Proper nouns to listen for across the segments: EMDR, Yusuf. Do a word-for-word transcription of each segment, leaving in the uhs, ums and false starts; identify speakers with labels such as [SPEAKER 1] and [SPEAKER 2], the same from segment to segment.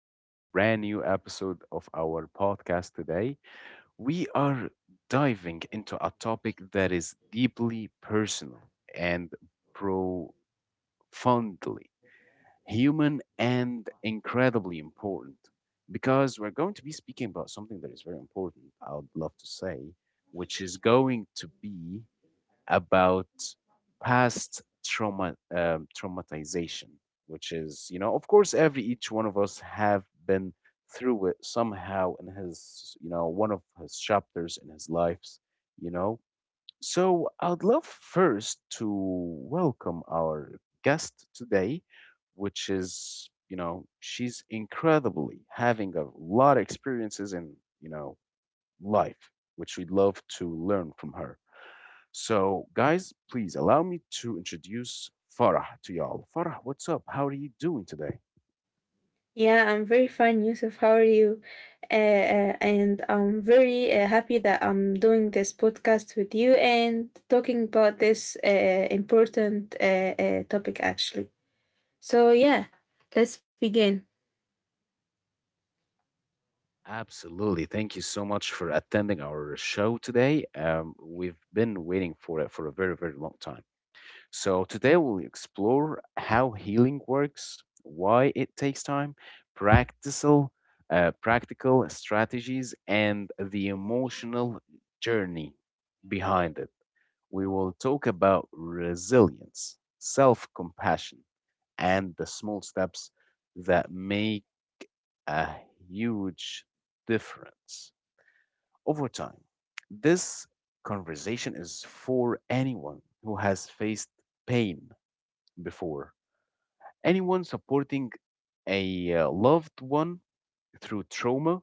[SPEAKER 1] to our brand new episode of our podcast today. We are diving into a topic that is deeply personal and profoundly human and incredibly important, because we're going to be speaking about something that is very important, I would love to say, which is going to be about past trauma um, traumatization, which is you know of course every each one of us have been through it somehow in his you know one of his chapters in his lives you know so I'd love first to welcome our guest today, which is, you know she's incredibly having a lot of experiences in, you know life, which we'd love to learn from her. So, guys, please allow me to introduce Farah to y'all. Farah, what's up? How are you doing today?
[SPEAKER 2] Yeah, I'm very fine, Yusuf. How are you? Uh, uh, and I'm very uh, happy that I'm doing this podcast with you and talking about this uh, important uh, uh, topic, actually. So, yeah, let's begin.
[SPEAKER 1] Absolutely. Thank you so much for attending our show today. Um, we've been waiting for it for a very, very long time. So, today we'll explore how healing works, why it takes time, practical, uh, practical strategies, and the emotional journey behind it. We will talk about resilience, self compassion, and the small steps that make a huge difference over time. This conversation is for anyone who has faced pain before, anyone supporting a uh, loved one through trauma,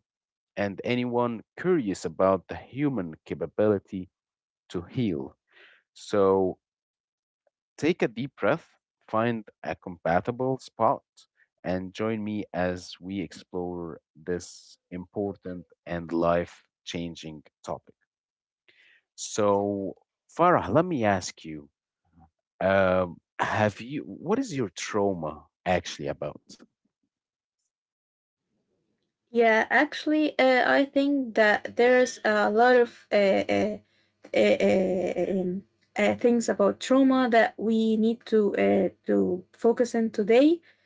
[SPEAKER 1] and anyone curious about the human capability to heal. So, take a deep breath, find a compatible spot, and join me as we explore this important and life changing topic. So, Farah, let me ask you, uh, have you, what is your trauma actually about?
[SPEAKER 2] Yeah, actually, uh, I think that there's a lot of uh, uh, uh, uh, um, uh, things about trauma that we need to uh, to focus on today.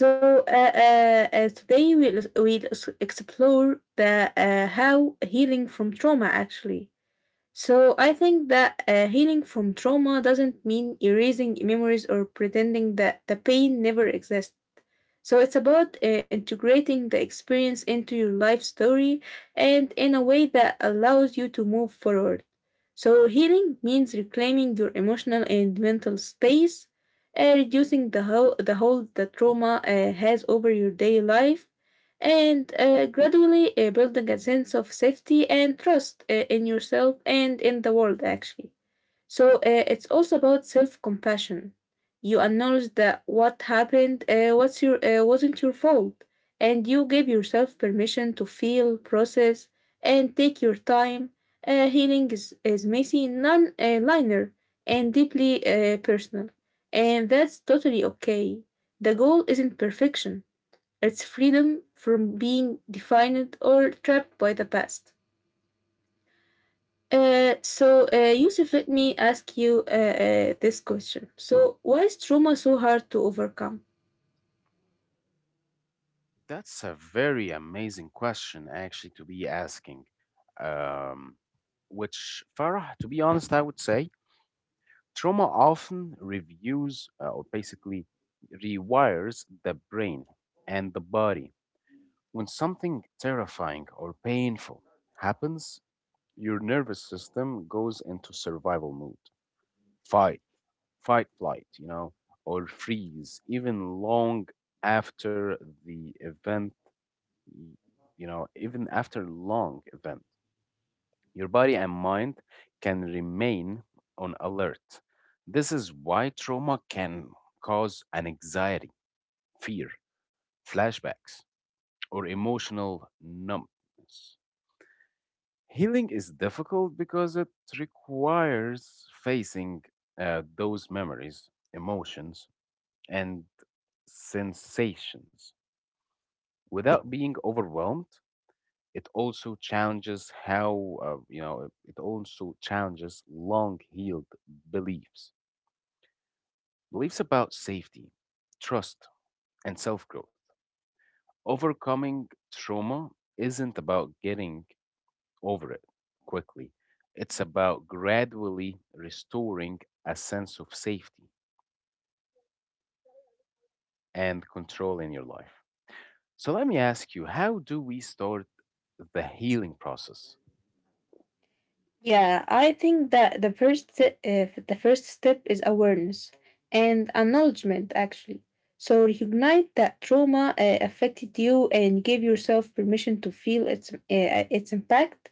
[SPEAKER 2] So uh, uh, uh, today we'll, we'll s- explore the uh, how healing from trauma actually. So I think that uh, healing from trauma doesn't mean erasing memories or pretending that the pain never existed. So it's about uh, integrating the experience into your life story and in a way that allows you to move forward. So healing means reclaiming your emotional and mental space, uh, reducing the whole the hold the trauma uh, has over your daily life, and uh, gradually uh, building a sense of safety and trust uh, in yourself and in the world actually. So uh, it's also about self compassion. You acknowledge that what happened uh, what's your, uh, wasn't your fault, and you give yourself permission to feel, process, and take your time. Uh, healing is, is messy, non uh, linear, and deeply uh, personal. And that's totally okay. The goal isn't perfection, it's freedom from being defined or trapped by the past. Uh, so, uh, Yusuf, let me ask you uh, uh, this question. So, why is trauma so hard to overcome?
[SPEAKER 1] That's a very amazing question, actually, to be asking. Um, which, Farah, to be honest, I would say trauma often reviews uh, or basically rewires the brain and the body. When something terrifying or painful happens, your nervous system goes into survival mode. fight. Fight, flight, you know, or freeze, even long after the event, you know, even after long event. Your body and mind can remain on alert. This is why trauma can cause an anxiety, fear, flashbacks, or emotional numbness. Healing is difficult because it requires facing uh, those memories, emotions, and sensations without being overwhelmed. It also challenges how, uh, you know, it also challenges long healed beliefs, beliefs about safety, trust, and self growth. Overcoming trauma isn't about getting over it quickly, it's about gradually restoring a sense of safety and control in your life. So let me ask you, how do we start the healing process?
[SPEAKER 2] Yeah, I think that the first st- uh, the first step is awareness and acknowledgement actually. So recognize that trauma uh, affected you and give yourself permission to feel its uh, its impact.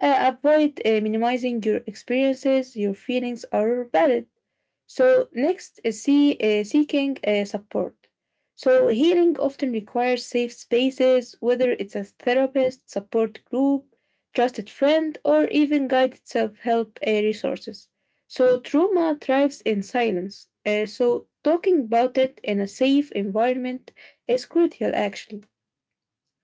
[SPEAKER 2] Uh, avoid uh, minimizing your experiences. Your feelings are valid. So next is see, uh, seeking uh, support. So healing often requires safe spaces, whether it's a therapist, support group, trusted friend, or even guided self-help uh, resources. So trauma thrives in silence. Uh, so talking about it in a safe environment is crucial, actually.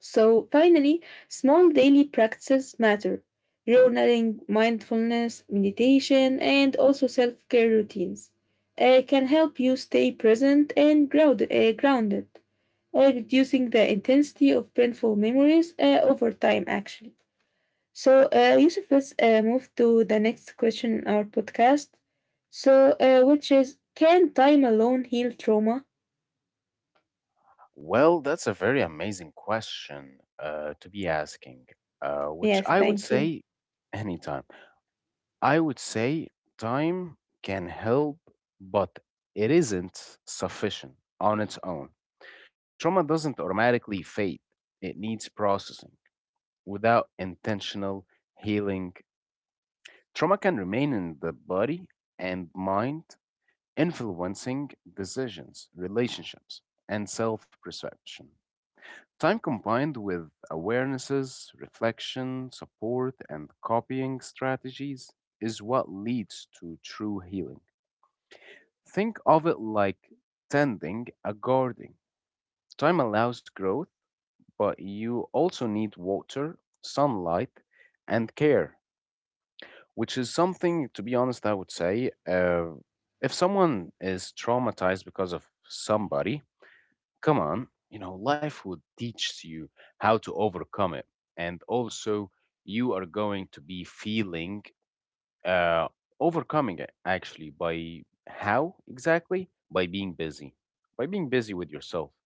[SPEAKER 2] So finally, small daily practices matter. Journaling, mindfulness, meditation, and also self care routines uh, can help you stay present and ground, uh, grounded, uh, reducing the intensity of painful memories uh, over time, actually. So, uh, Yusuf, let's uh, move to the next question in our podcast. So, uh, which is, can time alone heal trauma?
[SPEAKER 1] Well, that's a very amazing question uh, to be asking, uh, which
[SPEAKER 2] Yes,
[SPEAKER 1] I would
[SPEAKER 2] thank you.
[SPEAKER 1] say anytime. I would say time can help, but it isn't sufficient on its own. Trauma doesn't automatically fade, it needs processing. Without intentional healing, trauma can remain in the body and mind, influencing decisions, relationships, and self perception. Time combined with awarenesses, reflection, support, and copying strategies is what leads to true healing. Think of it like tending a garden. Time allows growth, but you also need water, sunlight, and care, which is something, to be honest, I would say. Uh, if someone is traumatized because of somebody, come on, you know, life will teach you how to overcome it. And also, you are going to be feeling, uh, overcoming it actually by how exactly, by being busy, by being busy with yourself,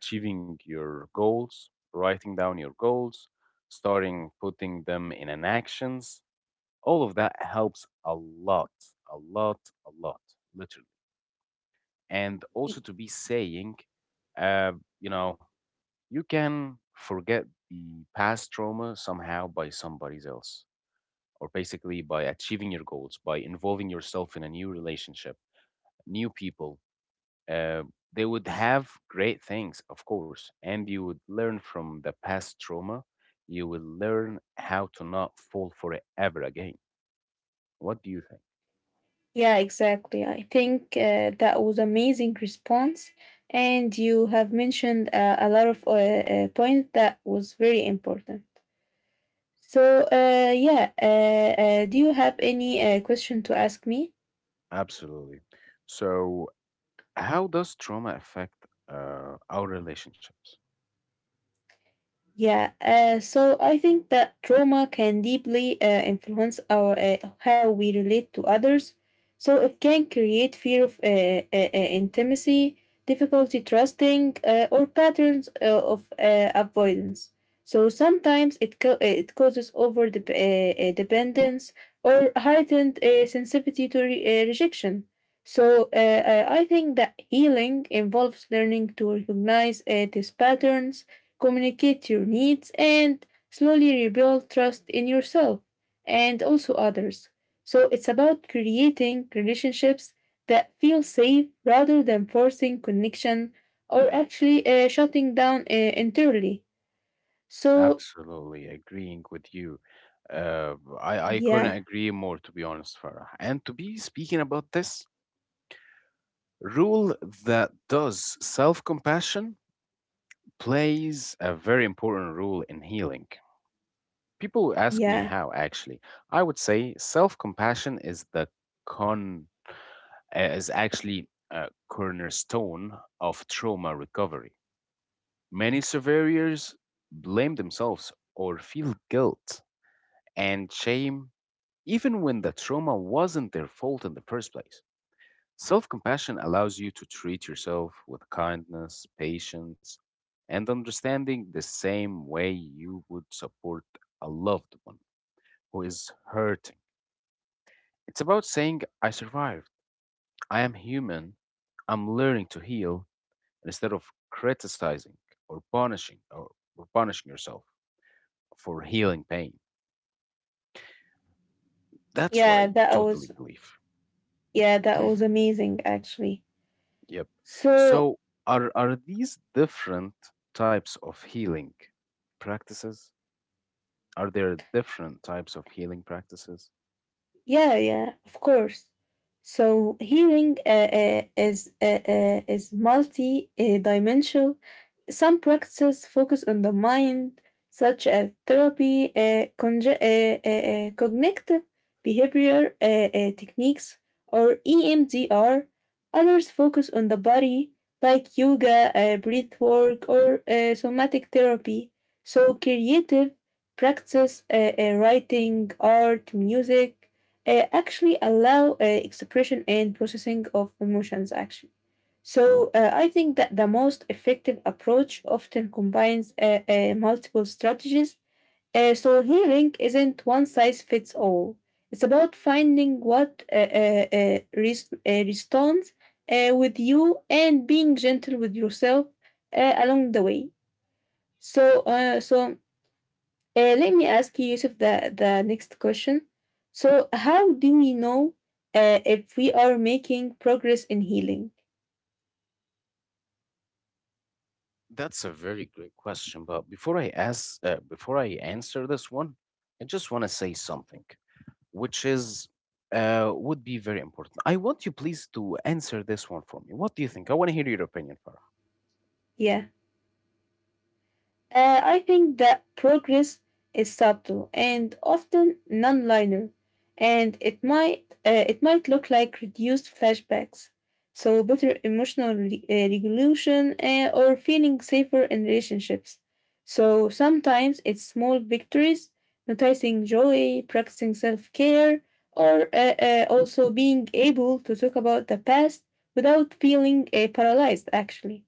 [SPEAKER 1] achieving your goals, writing down your goals, starting putting them in an actions. All of that helps a lot, a lot, a lot, literally. And also to be saying, uh, you know you can forget the past trauma somehow by somebody else, or basically by achieving your goals, by involving yourself in a new relationship, new people, uh, they would have great things, of course, and you would learn from the past trauma. You will learn how to not fall for it ever again. What do you think?
[SPEAKER 2] Yeah, exactly. I think uh, that was amazing response, and you have mentioned uh, a lot of uh, uh, points that was very important. So, uh, yeah, uh, uh, do you have any uh, question to ask me?
[SPEAKER 1] Absolutely. So, how does trauma affect uh, our relationships?
[SPEAKER 2] Yeah, uh, so I think that trauma can deeply uh, influence our uh, how we relate to others. So it can create fear of uh, uh, uh, intimacy, difficulty trusting, uh, or patterns uh, of uh, avoidance. So sometimes it co- uh, it causes over dep- uh, uh, dependence or heightened uh, sensitivity to re- uh, rejection. So uh, uh, I think that healing involves learning to recognize uh, these patterns, communicate your needs, and slowly rebuild trust in yourself and also others. So it's about creating relationships that feel safe rather than forcing connection or actually uh, shutting down uh, entirely. So
[SPEAKER 1] Absolutely agreeing with you. Uh, I, I couldn't
[SPEAKER 2] yeah,
[SPEAKER 1] agree more, to be honest, Farah. And to be speaking about this, rule that does self compassion plays a very important role in healing. People will ask me
[SPEAKER 2] yeah,
[SPEAKER 1] how actually. I would say self compassion is the con eh, is actually a cornerstone of trauma recovery. Many survivors blame themselves or feel guilt and shame even when the trauma wasn't their fault in the first place. Self compassion allows you to treat yourself with kindness, patience, and understanding the same way you would support a loved one who is hurting. It's about saying, I survived, I am human, I'm learning to heal, instead of criticizing or punishing or, or punishing yourself for healing pain. That's what
[SPEAKER 2] yeah,
[SPEAKER 1] I
[SPEAKER 2] that
[SPEAKER 1] totally
[SPEAKER 2] was
[SPEAKER 1] believe.
[SPEAKER 2] yeah, that was amazing actually.
[SPEAKER 1] Yep.
[SPEAKER 2] So
[SPEAKER 1] So, are, are these different types of healing practices? Are there different types of healing practices?
[SPEAKER 2] yeah, yeah, of course. So healing uh, uh, is uh, uh, is multi-dimensional. Some practices focus on the mind, such as therapy, uh, conge- uh, uh, uh, cognitive behavior uh, uh, techniques, or E M D R. Others focus on the body, like yoga, uh, breath work, or uh, somatic therapy. So, creative practices, uh, uh, writing, art, music, uh, actually allow uh, expression and processing of emotions, actually. So uh, I think that the most effective approach often combines uh, uh, multiple strategies. Uh, so healing isn't one size fits all. It's about finding what uh, uh, uh, res- uh, responds uh, with you and being gentle with yourself uh, along the way. So uh, so uh, let me ask you, Yusuf, the, the next question. So how do we know uh, if we are making progress in healing?
[SPEAKER 1] That's a very great question, but before I ask, uh, before I answer this one, I just want to say something, which is uh, would be very important. I want you please to answer this one for me. What do you think? I want to hear your opinion, Farah.
[SPEAKER 2] Yeah. Uh, I think that progress is subtle and often non-linear, and it might uh, it might look like reduced flashbacks, so better emotional re- uh, regulation uh, or feeling safer in relationships. So sometimes it's small victories, noticing joy, practicing self-care, or uh, uh, also being able to talk about the past without feeling uh, paralyzed, actually.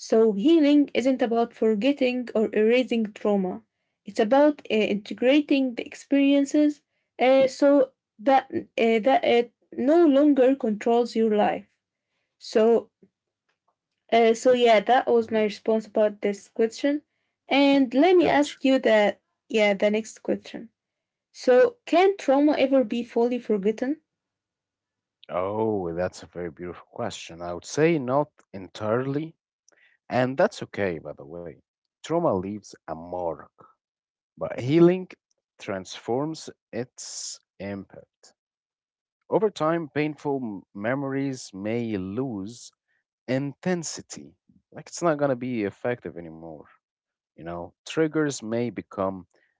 [SPEAKER 2] So, healing isn't about forgetting or erasing trauma. It's about uh, integrating the experiences uh, so that uh, that it no longer controls your life. So, uh, so yeah, that was my
[SPEAKER 1] Mhm.
[SPEAKER 2] response about this question. And let me
[SPEAKER 1] Gotcha.
[SPEAKER 2] ask you that yeah, the next question. So, can trauma ever be fully forgotten?
[SPEAKER 1] Oh, that's a very beautiful question. I would say not entirely, and that's okay, by the way. Trauma leaves a mark, but healing transforms its impact. Over time, painful m- memories may lose intensity. Like it's not going to be effective anymore. You know, triggers may become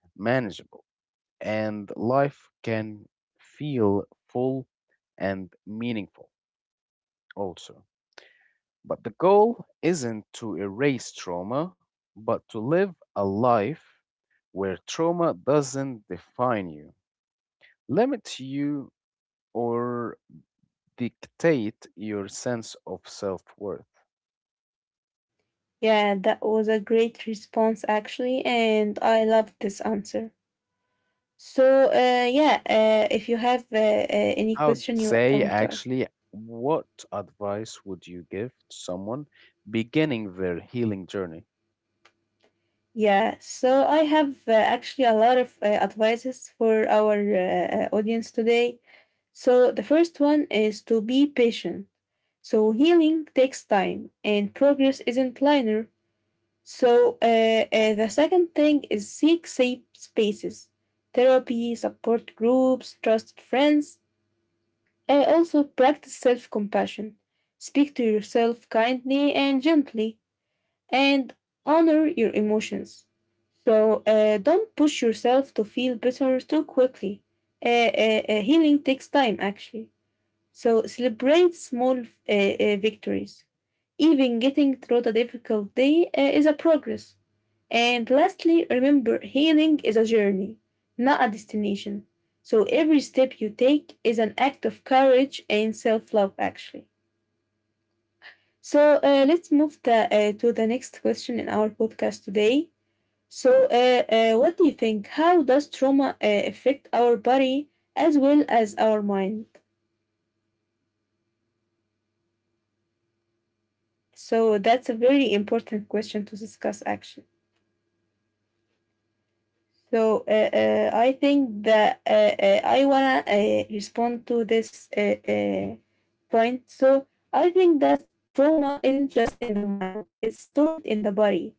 [SPEAKER 1] manageable and life can feel full and meaningful also. But the goal isn't to erase trauma, but to live a life where trauma doesn't define you, limit you, or dictate your sense of self worth.
[SPEAKER 2] Yeah, that was a great response actually, and I love this answer. So uh, yeah, uh, if you have uh, uh, any
[SPEAKER 1] I would
[SPEAKER 2] question you
[SPEAKER 1] say
[SPEAKER 2] want to,
[SPEAKER 1] actually, what advice would you give to someone beginning their healing journey?
[SPEAKER 2] yeah. So I have uh, actually a lot of uh, advices for our uh, uh, audience today. So the first one is to be patient. So healing takes time, and progress isn't linear. So uh, uh, the second thing is seek safe spaces, therapy, support groups, trusted friends. Uh, also, practice self compassion. Speak to yourself kindly and gently, and honor your emotions. So, uh, don't push yourself to feel better too quickly. Uh, uh, uh, healing takes time, actually. So, celebrate small uh, uh, victories. Even getting through the difficult day uh, is a progress. And lastly, remember healing is a journey, not a destination. So every step you take is an act of courage and self love, actually. So uh, let's move the, uh, to the next question in our podcast today. So, uh, uh, what do you think? How does trauma uh, affect our body as well as our mind? So, that's a very important question to discuss, actually. So uh, uh, I think that uh, uh, I wanna uh, respond to this uh, uh, point. So I think that trauma isn't just in the mind; it's stored in the body.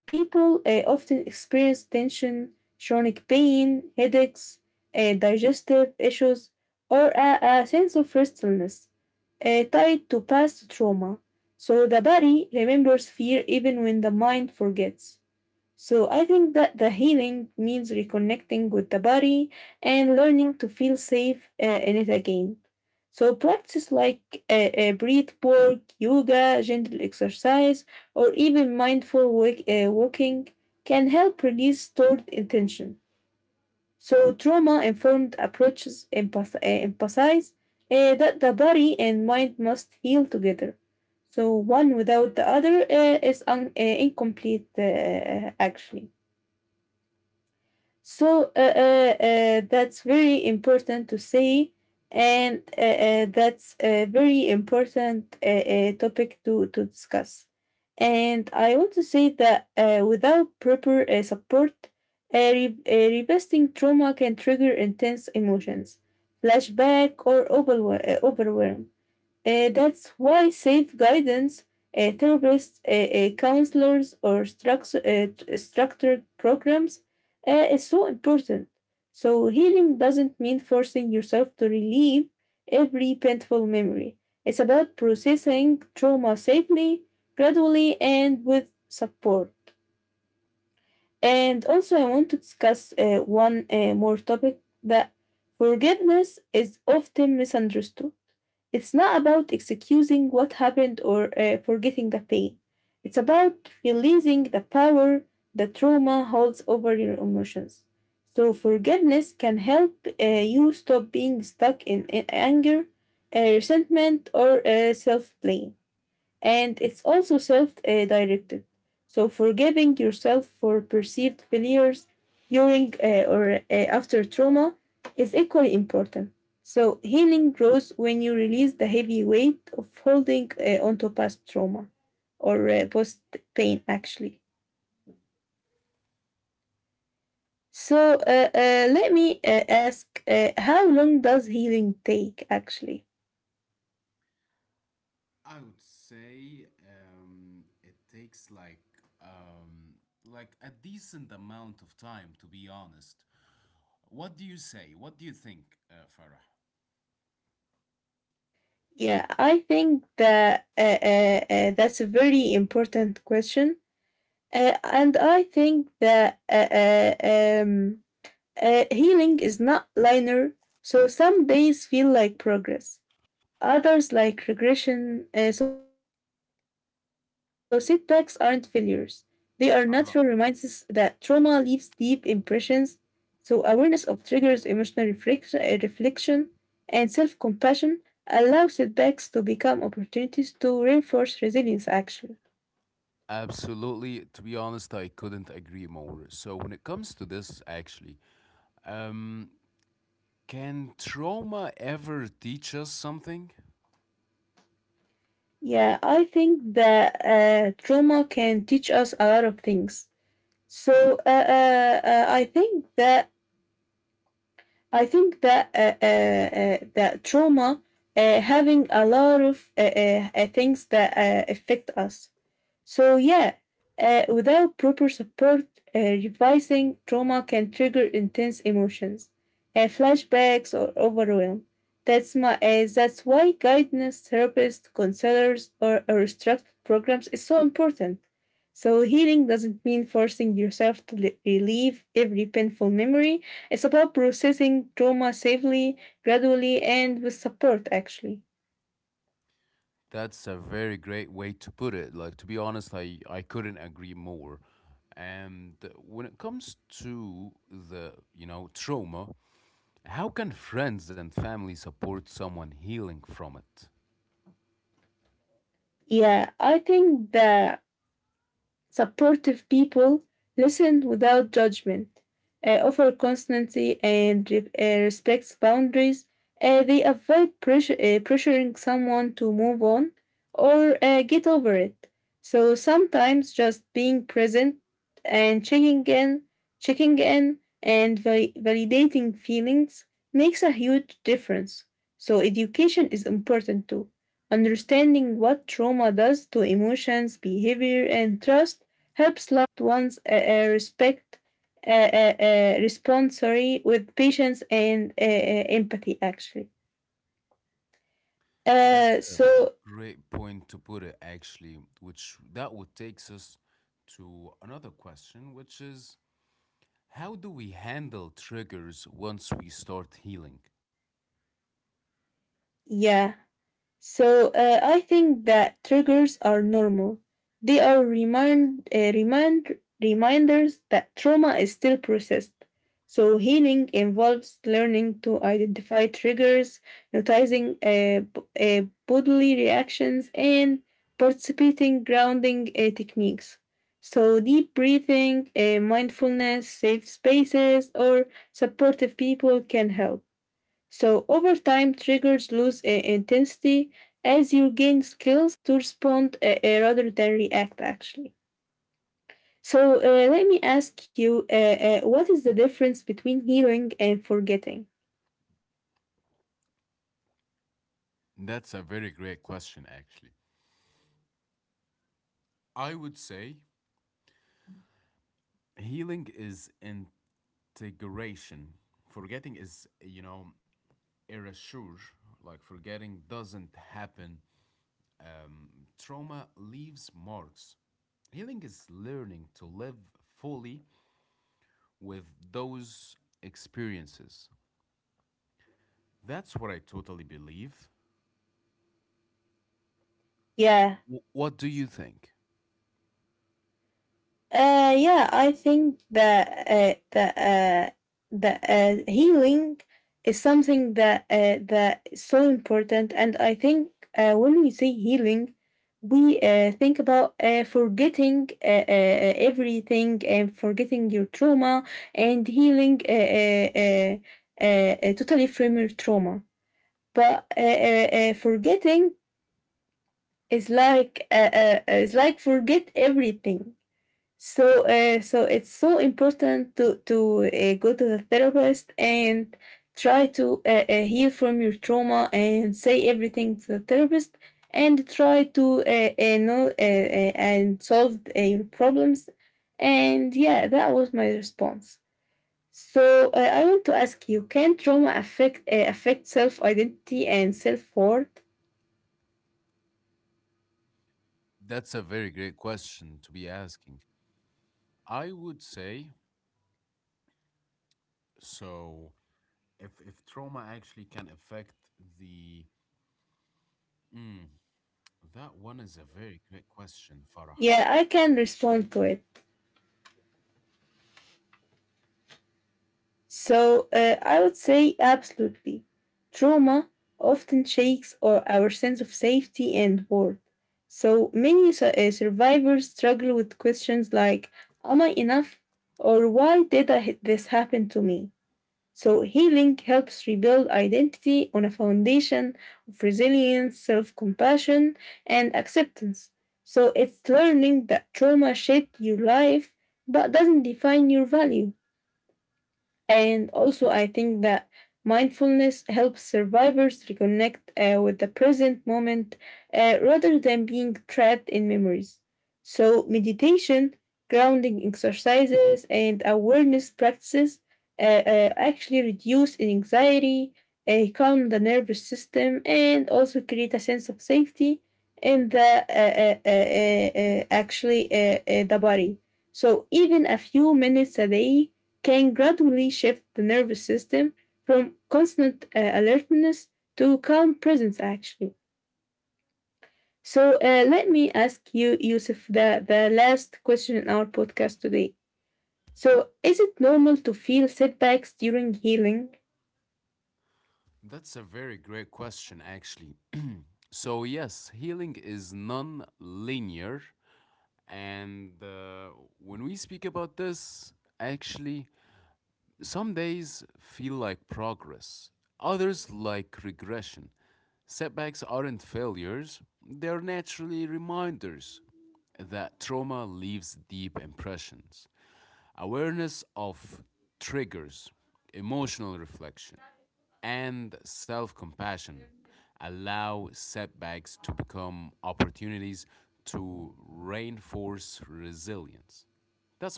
[SPEAKER 2] People uh, often experience tension, chronic pain, headaches, uh, digestive issues, or a, a sense of restlessness uh, tied to past trauma. So the body remembers fear even when the mind forgets. So I think that the healing means reconnecting with the body and learning to feel safe uh, in it again. So practice like uh, uh, breath work, yoga, gentle exercise, or even mindful walk, uh, walking can help release stored intention. So trauma-informed approaches empath- uh, emphasize uh, that the body and mind must heal together. So one without the other uh, is un- uh, incomplete, uh, actually. So uh, uh, uh, that's very important to say, and uh, uh, that's a very important uh, uh, topic to, to discuss. And I want to say that uh, without proper uh, support, uh, re- uh, revisiting trauma can trigger intense emotions, flashback, or overwhe- uh, overwhelm. Uh, that's why safe guidance, uh, therapists, uh, uh, counselors, or structure, uh, t- structured programs uh, is so important. So, healing doesn't mean forcing yourself to relieve every painful memory. It's about processing trauma safely, gradually, and with support. And also, I want to discuss uh, one uh, more topic, that forgiveness is often misunderstood. It's not about excusing what happened or uh, forgetting the pain. It's about releasing the power the trauma holds over your emotions. So, forgiveness can help uh, you stop being stuck in a- anger, uh, resentment, or uh, self blame, and it's also self uh, directed. So, forgiving yourself for perceived failures during uh, or uh, after trauma is equally important. So, healing grows when you release the heavy weight of holding uh, onto past trauma or uh, post pain, actually. So, uh, uh, let me uh, ask, uh, how long does healing take, actually? Yeah, I think that uh, uh, uh, that's a very important question. Uh, and I think that uh, uh, um, uh, healing is not linear, so some days feel like progress, others like regression. Uh, so setbacks aren't failures, they are natural reminders that trauma leaves deep impressions. So awareness of triggers, emotional reflect- uh, reflection, and self compassion allow setbacks to become opportunities to reinforce resilience, actually. Yeah, I think that uh, trauma can teach us a lot of things. So uh, uh, uh, I think that I think that uh, uh, uh, that trauma uh, having a lot of uh, uh, uh, things that uh, affect us. So, yeah, uh, without proper support, uh, revising trauma can trigger intense emotions, uh, flashbacks, or overwhelm. That's, my, uh, that's why guidance, therapists, counselors, or, or structured programs is so important. So, healing doesn't mean forcing yourself to li- relieve every painful memory. It's about processing trauma safely, gradually, and with support, actually. Yeah, I think that supportive people listen without judgment, uh, offer constancy and re- uh, respects boundaries. Uh, they avoid pressure, uh, pressuring someone to move on or uh, get over it. So sometimes just being present and checking in, checking in and val- validating feelings makes a huge difference. So education is important too. Understanding what trauma does to emotions, behavior, and trust helps loved ones uh, uh, respect uh, uh, uh, responsory with patience and uh, uh, empathy, actually. Uh, so, yeah. So uh, I think that triggers are normal. They are remind, uh, remind reminders that trauma is still processed. So healing involves learning to identify triggers, noticing uh, b- uh, bodily reactions, and participating grounding uh, techniques. So deep breathing, uh, mindfulness, safe spaces, or supportive people can help. So over time, triggers lose uh, intensity as you gain skills to respond uh, uh, rather than react, actually. So uh, let me ask you, uh, uh, what is the difference between healing and forgetting? Yeah, Uh, yeah, I think that uh, that uh, that uh, healing is something that uh, that is so important, and I think uh, when we say healing, we uh, think about uh, forgetting uh, uh, uh, everything and forgetting your trauma and healing uh, uh, uh, uh, uh, totally from your trauma. But uh, uh, uh, forgetting is like uh, uh, is like forget everything. So, uh, so it's so important to to uh, go to the therapist and try to uh, uh, heal from your trauma and say everything to the therapist and try to uh, uh, know uh, uh, and solve uh, your problems. And yeah, that was my response. So uh, I want to ask you: can trauma affect uh, affect self identity and self worth? Yeah, I can respond to it. So uh, I would say absolutely. Trauma often shakes our, our sense of safety and worth. So many su- uh, survivors struggle with questions like, am I enough? Or why did I, h- this happen to me? So healing helps rebuild identity on a foundation of resilience, self compassion, and acceptance. So it's learning that trauma shaped your life but doesn't define your value. And also, I think that mindfulness helps survivors reconnect uh, with the present moment uh, rather than being trapped in memories. So, meditation, grounding exercises, and awareness practices uh, uh, actually reduce anxiety, uh, calm the nervous system, and also create a sense of safety in the uh, uh, uh, uh, uh, actually uh, uh, the body. So even a few minutes a day can gradually shift the nervous system from constant uh, alertness to calm presence, actually. So uh, let me ask you, Yusuf, the, the last question in our podcast today. So, is it normal to feel setbacks during healing?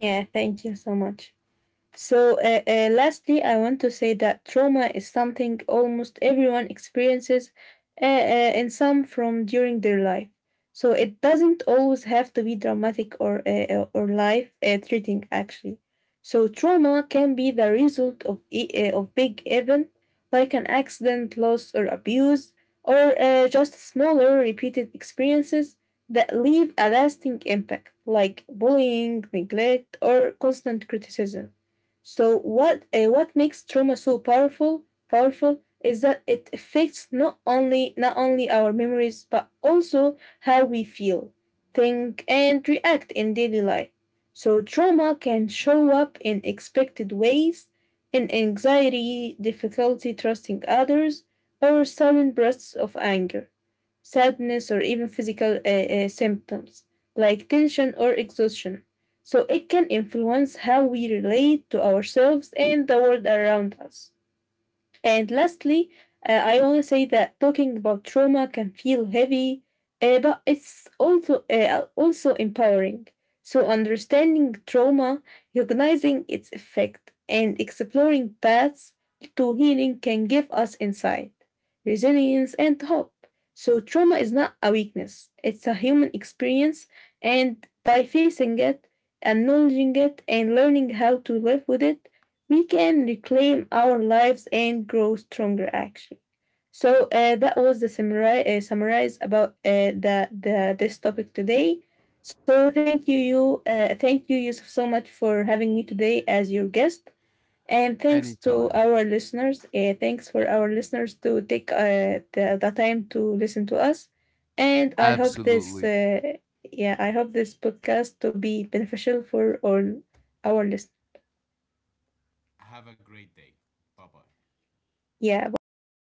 [SPEAKER 2] Yeah, thank you so much. So, uh, uh, lastly, I want to say that trauma is something almost everyone experiences uh, uh, in some from during their life. So, it doesn't always have to be dramatic or, uh, uh, or life uh, threatening, actually. So, trauma can be the result of, e- uh, of big event like an accident, loss, or abuse, or uh, just smaller repeated experiences that leave a lasting impact, like bullying, neglect, or constant criticism. So what uh, what makes trauma so powerful powerful is that it affects not only not only our memories but also how we feel, think and react in daily life. So trauma can show up in expected ways, in anxiety, difficulty trusting others, or sudden bursts of anger, sadness, or even physical uh, uh, symptoms like tension or exhaustion. So it can influence how we relate to ourselves and the world around us. And lastly, uh, I want to say that talking about trauma can feel heavy, uh, but it's also uh, also empowering. So understanding trauma, recognizing its effect, and exploring paths to healing can give us insight, resilience, and hope. So trauma is not a weakness; it's a human experience, and by facing it, acknowledging it, and learning how to live with it, we can reclaim our lives and grow stronger, actually. So uh, that was the summary, uh, summarize about uh, the, the this topic today. So thank you you uh, thank you, Yusuf, so much for having me today as your guest, and thanks to our listeners uh, thanks for our listeners to take uh, the, the time to listen to us. And i hope this uh, yeah i hope this podcast to be beneficial for all our listeners. Yeah, bye bye.